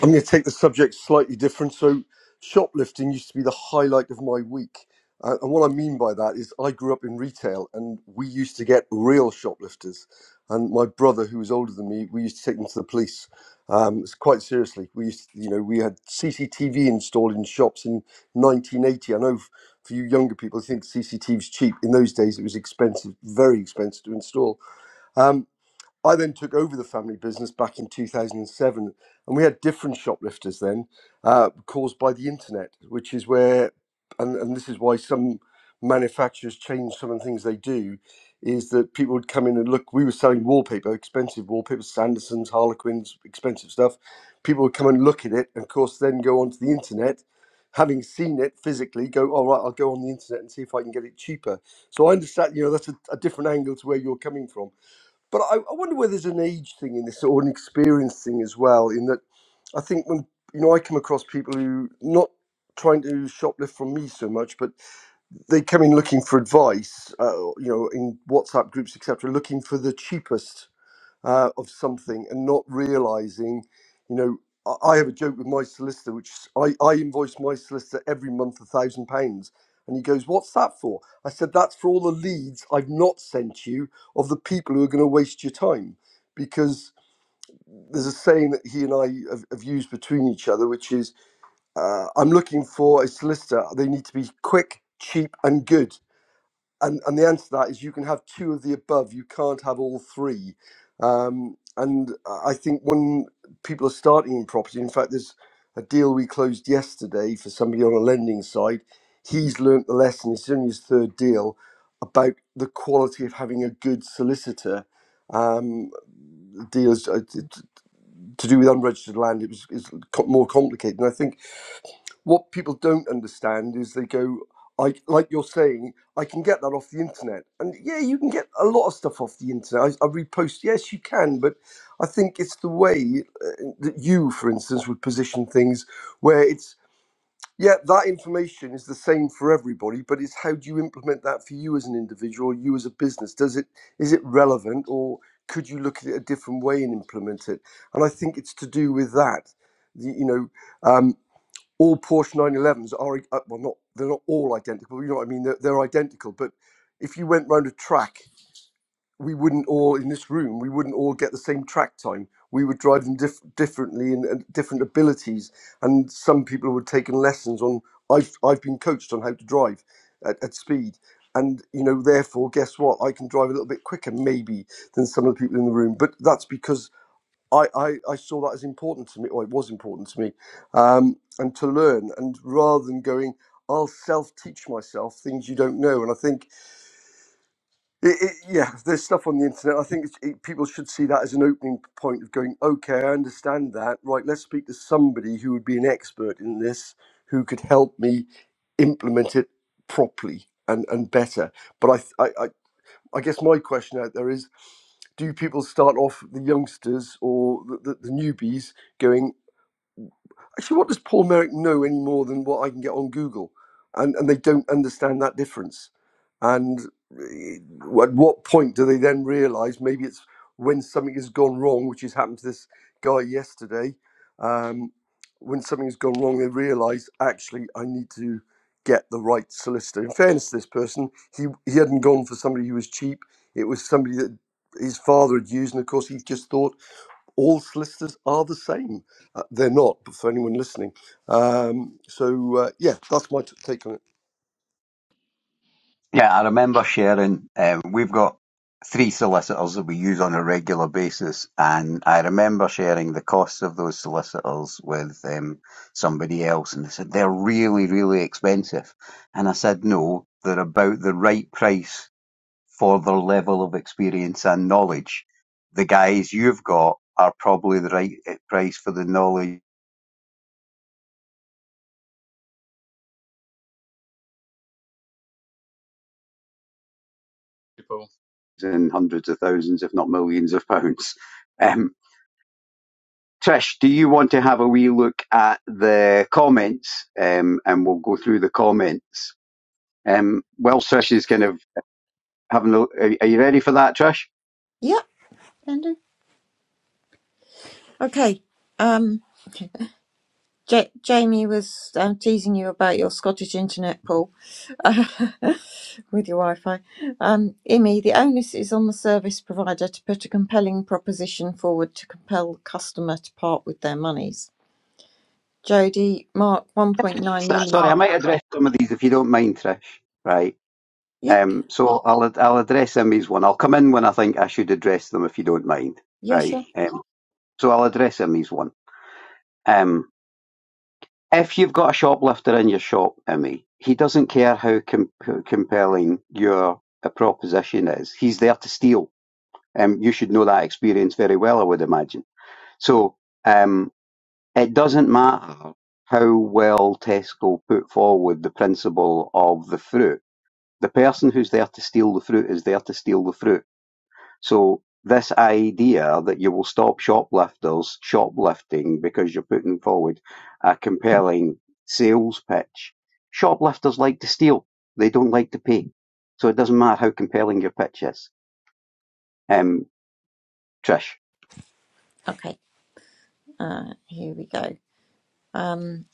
S2: I'm going to take the subject slightly different. So, shoplifting used to be the highlight of my week. Uh, and what I mean by that is, I grew up in retail and we used to get real shoplifters. And my brother, who was older than me, we used to take them to the police. Um, it's quite seriously. We used to, you know, we had CCTV installed in shops in 1980. I know f- for you younger people, I think CCTV CCTV's cheap. In those days, it was expensive, very expensive to install. Um, I then took over the family business back in 2007, and we had different shoplifters then, uh, caused by the internet, which is where, and, and this is why some manufacturers change some of the things they do, is that people would come in and look. We were selling wallpaper, expensive wallpaper, Sandersons, Harlequins, expensive stuff. People would come and look at it, and of course, then go onto the internet. Having seen it physically, go, all right, I'll go on the internet and see if I can get it cheaper. So I understand, you know, that's a, a different angle to where you're coming from but I, I wonder whether there's an age thing in this or an experience thing as well. In that, I think when you know I come across people who not trying to shoplift from me so much, but they come in looking for advice. Uh, you know, in WhatsApp groups, etc., looking for the cheapest uh, of something and not realizing, you know, I I have a joke with my solicitor, which is- I, I invoice my solicitor every month a thousand pounds. And he goes, What's that for? I said, That's for all the leads I've not sent you of the people who are going to waste your time. Because there's a saying that he and I have, have used between each other, which is, uh, I'm looking for a solicitor. They need to be quick, cheap, and good and and the answer to that is you can have two of the above. You can't have all three. Um, and I think when people are starting in property, in fact, there's a deal we closed yesterday for somebody on a lending side. He's learnt the lesson. It's only his third deal about the quality of having a good solicitor. Um, deals uh, t- t- to do with unregistered land. It was is co- more complicated, and I think what people don't understand is they go I, like you're saying, I can get that off the internet. And yeah, you can get a lot of stuff off the internet. I, I repost, yes, you can, but I think it's the way uh, that you, for instance, would position things where it's, yeah, that information is the same for everybody, but it's how do you implement that for you as an individual, you as a business? Does it, is it relevant or could you look at it a different way and implement it? And I think it's to do with that. The- You know, um, all Porsche 911s are uh, well, not they're not all identical. You know what I mean? They're, they're identical, but if you went round a track, we wouldn't all in this room. We wouldn't all get the same track time. We would drive them diff- differently and, and different abilities. And some people would have taken lessons on. I've I've been coached on how to drive at, at speed. And you know, therefore, guess what? I can drive a little bit quicker, maybe, than some of the people in the room. But that's because I, I, I saw that as important to me, or it was important to me, um, and to learn. And rather than going, I'll self teach myself things you don't know. And I think, it, it, yeah, there's stuff on the internet. I think it's, it, people should see that as an opening point of going, okay, I understand that. Right, let's speak to somebody who would be an expert in this, who could help me implement it properly and, and better. But I, I, I I guess my question out there is do people start off the youngsters or the, the, the newbies going Actually, what does Paul Merrick know any more than what I can get on Google? And and they don't understand that difference. And eh, at what point do they then realise maybe it's when something has gone wrong, which has happened to this guy yesterday? Um, when something has gone wrong, they realise actually I need to get the right solicitor. In fairness to this person, he he hadn't gone for somebody who was cheap. It was somebody that his father had used, and of course he just thought all solicitors are the same. Uh, they're not, but for anyone listening. Um, so, uh, yeah, that's my t- take on it.
S1: Yeah, I remember sharing. Um, we've got three solicitors that we use on a regular basis, and I remember sharing the costs of those solicitors with um, somebody else, and they said they're really, really expensive. And I said, no, they're about the right price for their level of experience and knowledge. The guys you've got are probably the right eh, price for the knowledge
S4: there.
S1: in hundreds of thousands, if not millions of pounds. Um, Trish, do you want to have a wee look at the comments? Um, and we'll go through the comments. Um, while Trish is kind of having a are, are you ready for that, Trish?
S3: Yep, Andy. Okay. Um, Ja- Jamie was um, teasing you about your Scottish internet, Paul, with your Wi Fi. Um, Imi, the onus is on the service provider to put a compelling proposition forward to compel the customer to part with their monies. Jody, Mark,
S1: S-
S3: 1.9
S1: Sorry, I
S3: million.
S1: might address some of these if you don't mind, Trish. Right.
S3: Yeah,
S1: Um, so I'll I'll address him as one. I'll come in when I think I should address them, if you don't mind,
S3: yeah,
S1: right?
S3: sure.
S1: Um, so I'll address him as one. Um, if you've got a shoplifter in your shop, Emmy, he doesn't care how com- how compelling your uh, proposition is. He's there to steal. Um, you should know that experience very well, I would imagine. So um, it doesn't matter how well Tesco put forward the principle of the fruit. The person who's there to steal the fruit is there to steal the fruit So this idea that you will stop shoplifters shoplifting because you're putting forward a compelling sales pitch. Shoplifters like to steal. They don't like to pay. So it doesn't matter how compelling your pitch is. Um, Trish.
S3: Okay, uh, here we go. Um,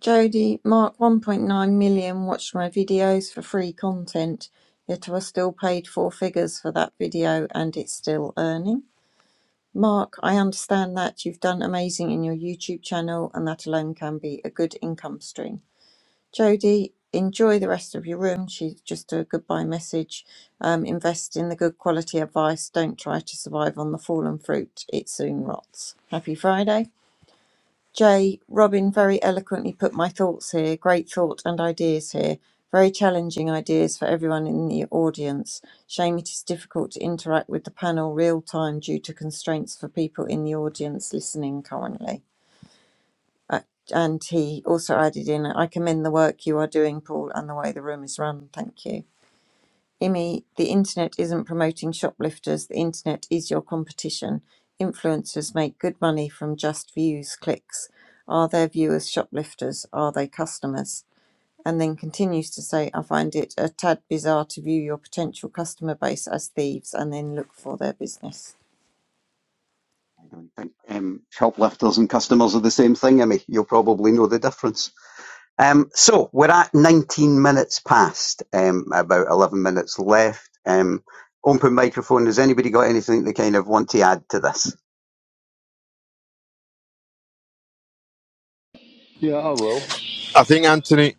S3: Jody, Mark, 1.9 million watched my videos for free content, yet I was still paid four figures for that video and it's still earning. Mark, I understand that you've done amazing in your YouTube channel, and that alone can be a good income stream. Jody, enjoy the rest of your room. She's just a goodbye message. Um, invest in the good quality advice. Don't try to survive on the fallen fruit, it soon rots. Happy Friday. Jay, Robin very eloquently put my thoughts here. Great thought and ideas here. Very challenging ideas for everyone in the audience. Shame it is difficult to interact with the panel real time due to constraints for people in the audience listening currently. Uh, and he also added in, I commend the work you are doing, Paul, and the way the room is run. Thank you. Imi, the internet isn't promoting shoplifters, the internet is your competition. Influencers make good money from just views, clicks. Are their viewers shoplifters? Are they customers? And then continues to say, I find it a tad bizarre to view your potential customer base as thieves and then look for their business.
S1: I don't think um, shoplifters and customers are the same thing, I mean, You'll probably know the difference. Um, so we're at 19 minutes past, um, about 11 minutes left. Um, open microphone. Has anybody got anything they kind of want to add to this?
S8: Yeah, I will.
S6: I think, Anthony,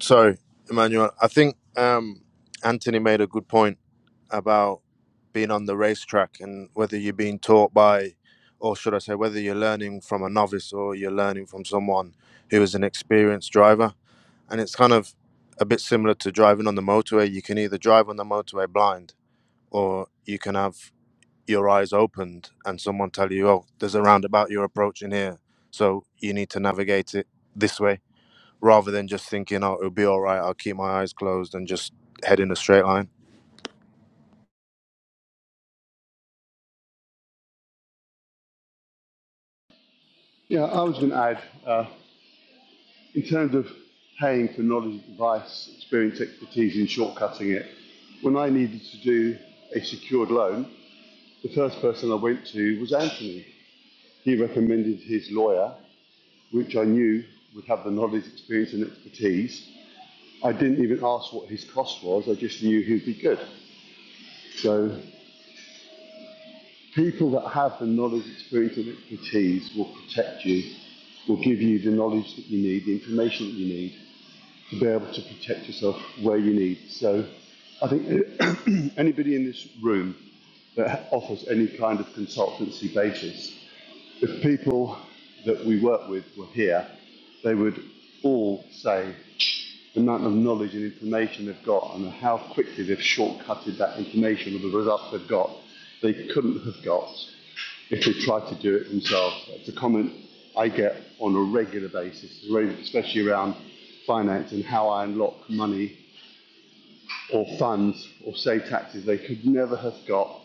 S6: Sorry, Emmanuel. I think um, Anthony made a good point about being on the racetrack and whether you're being taught by, or should I say, whether you're learning from a novice or you're learning from someone who is an experienced driver. And it's kind of a bit similar to driving on the motorway. You can either drive on the motorway blind or you can have your eyes opened and someone tell you, oh, there's a roundabout you're approaching here. So you need to navigate it this way rather than just thinking, oh, it'll be all right. I'll keep my eyes closed and just head in a straight line.
S8: Yeah, I was going to add, uh, in terms of paying for knowledge, advice, experience, expertise, and shortcutting it, when I needed to do a secured loan, the first person I went to was Anthony. He recommended his lawyer which I knew would have the knowledge, experience, and expertise. I didn't even ask what his cost was, I just knew he'd be good. So, people that have the knowledge, experience, and expertise will protect you, will give you the knowledge that you need, the information that you need to be able to protect yourself where you need. So, I think anybody in this room that offers any kind of consultancy basis, if people that we work with were here, they would all say the amount of knowledge and information they've got and how quickly they've shortcutted that information with the results they've got, they couldn't have got if they tried to do it themselves. It's a comment I get on a regular basis, especially around finance and how I unlock money or funds or save taxes they could never have got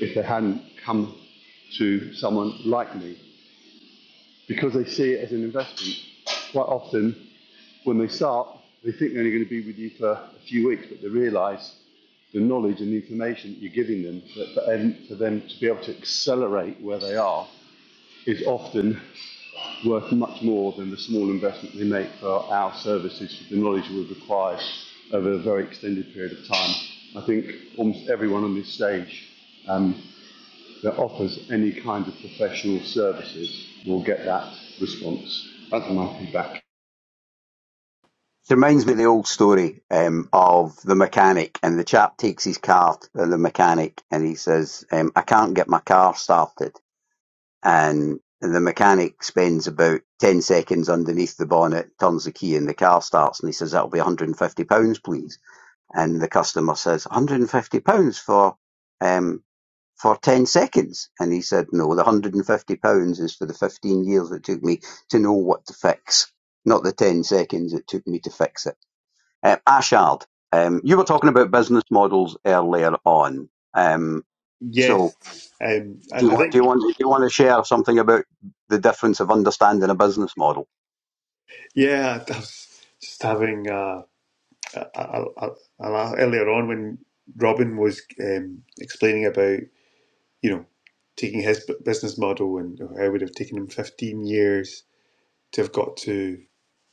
S8: if they hadn't come to someone like me because they see it as an investment. Quite often, when they start, they think they're only going to be with you for a few weeks, but they realise the knowledge and the information that you're giving them that for them, to be able to accelerate where they are is often worth much more than the small investment they make for our services for the knowledge we require over a very extended period of time. I think almost everyone on this stage um, that offers any kind of professional services will get that response. That's my feedback.
S1: It reminds me of the old story um, of the mechanic, and the chap takes his car to the mechanic, and he says, um, "I can't get my car started." And the mechanic spends about ten seconds underneath the bonnet, turns the key, and the car starts. And he says, "That'll be 150 pounds, please." And the customer says, "150 pounds for um, for 10 seconds?" And he said, "No, the 150 pounds is for the 15 years it took me to know what to fix, not the 10 seconds it took me to fix it." Um, Ashard, um, you were talking about business models earlier on. Um, So
S9: Yes. Um I,
S1: do you
S9: I
S1: want do you
S9: think
S1: want- do you want to share something about the difference of understanding a business model?
S9: yeah, I was just having uh I, I, I, I laugh- earlier on when Robin was um, explaining about you know taking his bu- business model and how it would have taken him 15 years to have got to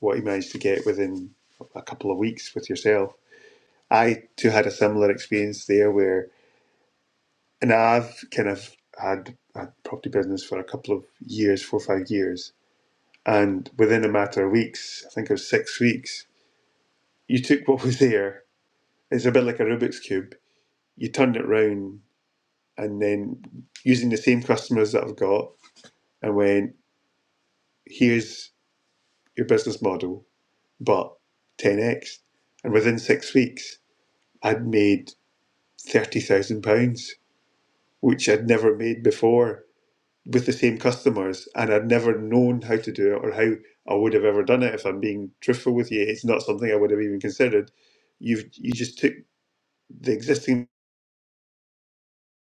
S9: what he managed to get within a couple of weeks with yourself. I too had a similar experience there where, and I've kind of had a property business for a couple of years, four or five years, and within a matter of weeks, I think it was six weeks, you took what was there. It's a bit like a Rubik's cube. You turned it round and then using the same customers that I've got and went, here's your business model, but 10x. And within six weeks, I'd made £30,000, which I'd never made before with the same customers. And I'd never known how to do it or how I would have ever done it. If I'm being truthful with you, it's not something I would have even considered. You've, you just took the existing,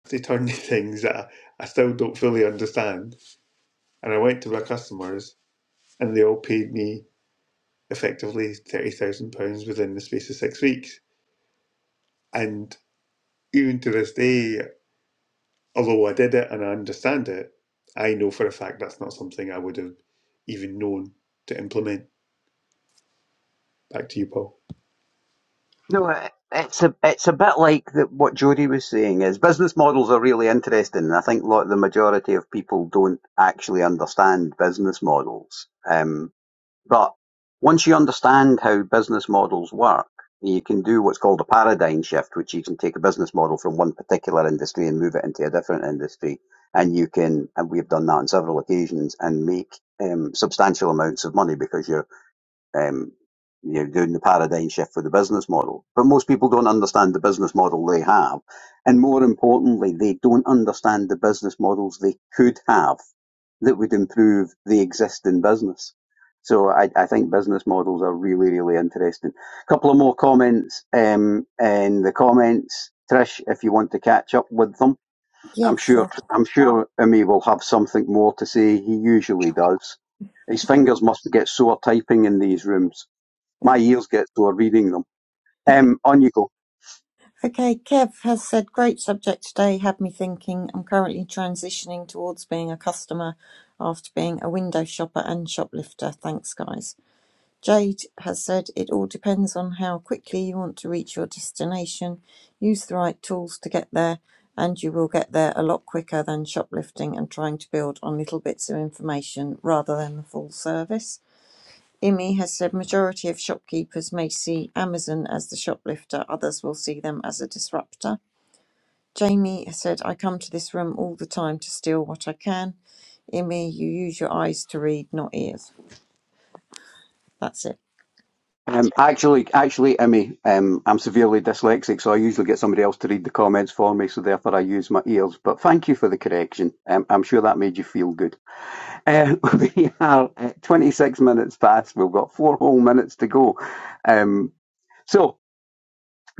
S9: they turned things that I, I still don't fully understand. And I went to my customers and they all paid me effectively £30,000 within the space of six weeks. And even to this day, although I did it and I understand it, I know for a fact that's not something I would have even known to implement. Back to you, Paul.
S1: No, it's a it's a bit like the, what Jody was saying is business models are really interesting, and I think lot the majority of people don't actually understand business models. Um, But once you understand how business models work, you can do what's called a paradigm shift, which you can take a business model from one particular industry and move it into a different industry. And you can, and we've done that on several occasions, and make um, substantial amounts of money because you're um, you're doing the paradigm shift for the business model. But most people don't understand the business model they have. And more importantly, they don't understand the business models they could have that would improve the existing business. So I, I think business models are really, really interesting. A couple of more comments um, in the comments. Trish, if you want to catch up with them.
S3: Yeah,
S1: I'm sure,
S3: sure.
S1: I'm sure Imi will have something more to say. He usually does. His fingers must get sore typing in these rooms. My ears get sore reading them. Um, on you go.
S3: Okay, Kev has said, great subject today, had me thinking. I'm currently transitioning towards being a customer after being a window shopper and shoplifter. Thanks, guys. Jade has said it all depends on how quickly you want to reach your destination. Use the right tools to get there, and you will get there a lot quicker than shoplifting and trying to build on little bits of information rather than the full service. Imi has said majority of shopkeepers may see Amazon as the shoplifter, others will see them as a disruptor. Jamie has said, I come to this room all the time to steal what I can. Imi, you use your eyes to read, not ears. That's it.
S1: Um, actually, actually, Emmy, um, I'm severely dyslexic, so I usually get somebody else to read the comments for me, so therefore I use my ears. But thank you for the correction. Um, I'm sure that made you feel good. Uh, we are uh, 26 minutes past. We've got four whole minutes to go. Um, so,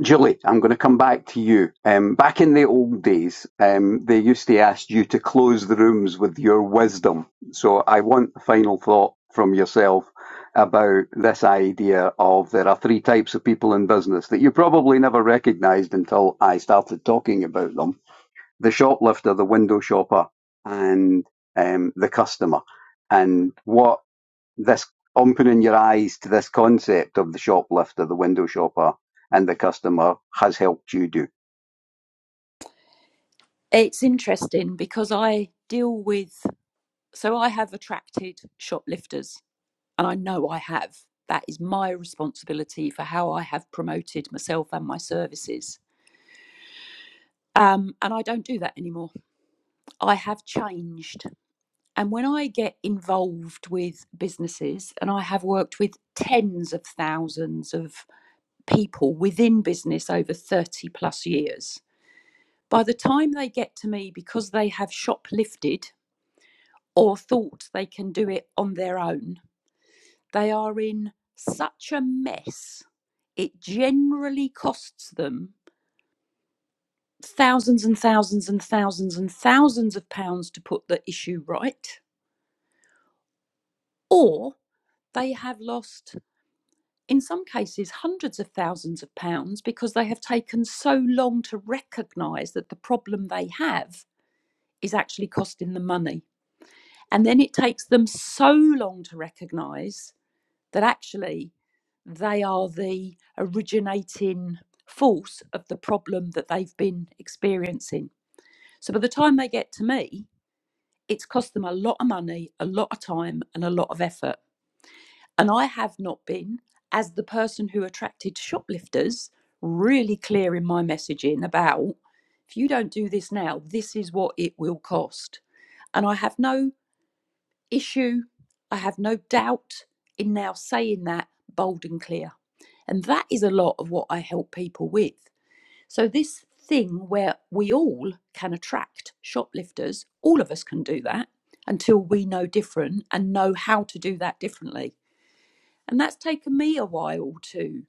S1: Julie, I'm going to come back to you. Um, back in the old days, um, they used to ask you to close the rooms with your wisdom. So I want the final thought from yourself about this idea of there are three types of people in business that you probably never recognized until I started talking about them the shoplifter, the window shopper, and um, the customer. And what this opening your eyes to this concept of the shoplifter, the window shopper, and the customer has helped you do
S5: It's interesting because I deal with, so I have attracted shoplifters and I know I have. That is my responsibility for how I have promoted myself and my services. Um, and I don't do that anymore. I have changed. And when I get involved with businesses, and I have worked with tens of thousands of people within business over 30 plus years, By the time they get to me, because they have shoplifted or thought they can do it on their own, they are in such a mess. It generally costs them thousands and thousands and thousands and thousands of pounds to put the issue right, or they have lost, in some cases, hundreds of thousands of pounds because they have taken so long to recognise that the problem they have is actually costing them money. And then it takes them so long to recognize that actually they are the originating force of the problem that they've been experiencing. So by the time they get to me, it's cost them a lot of money, a lot of time, and a lot of effort. And I have not been, as the person who attracted shoplifters, really clear in my messaging about if you don't do this now, this is what it will cost. And I have no issue. I have no doubt in now saying that bold and clear. And that is a lot of what I help people with. So, this thing where we all can attract shoplifters, all of us can do that until we know different and know how to do that differently. And that's taken me a while to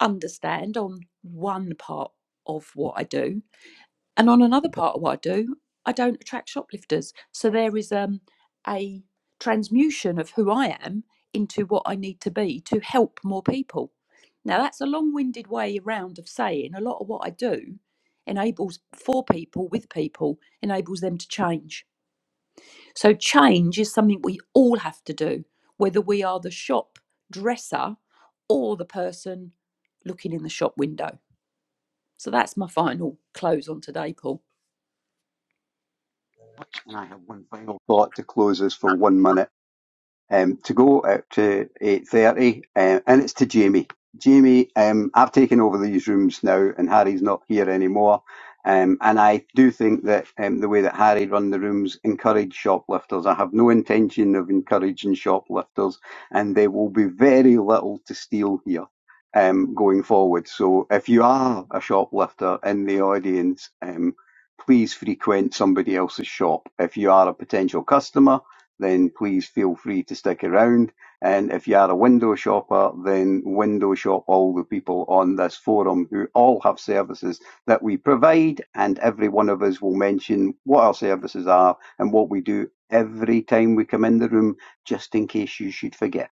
S5: understand on one part of what I do. And on another part of what I do, I don't attract shoplifters. So there is um, a transmutation of who I am into what I need to be to help more people. Now, that's a long winded way around of saying a lot of what I do enables for people with people, enables them to change. So, change is something we all have to do, whether we are the shop dresser or the person looking in the shop window. So, that's my final close on today, Paul.
S1: And I have one final thought to close us for one minute. um, to go out to 8.30 um, and it's to Jamie. Jamie, um, I've taken over these rooms now and Harry's not here anymore. Um, and I do think that um, the way that Harry run the rooms encourage shoplifters. I have no intention of encouraging shoplifters and there will be very little to steal here. Um, going forward. So if you are a shoplifter in the audience, um, please frequent somebody else's shop. If you are a potential customer, then please feel free to stick around. And if you are a window shopper, then window shop all the people on this forum who all have services that we provide. And every one of us will mention what our services are and what we do every time we come in the room, just in case you should forget.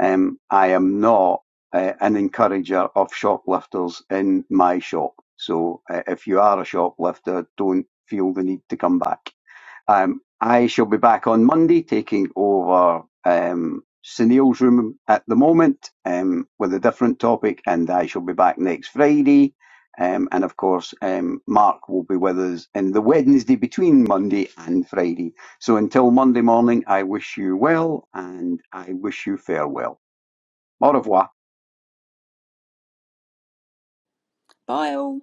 S1: Um, I am not uh, an encourager of shoplifters in my shop. So uh, if you are a shoplifter, don't feel the need to come back. Um, I shall be back on Monday taking over um, Sunil's room at the moment um, with a different topic, and I shall be back next Friday. Um, and of course, um, Mark will be with us in the Wednesday between Monday and Friday. So until Monday morning, I wish you well and I wish you farewell. Au revoir.
S5: Bye all.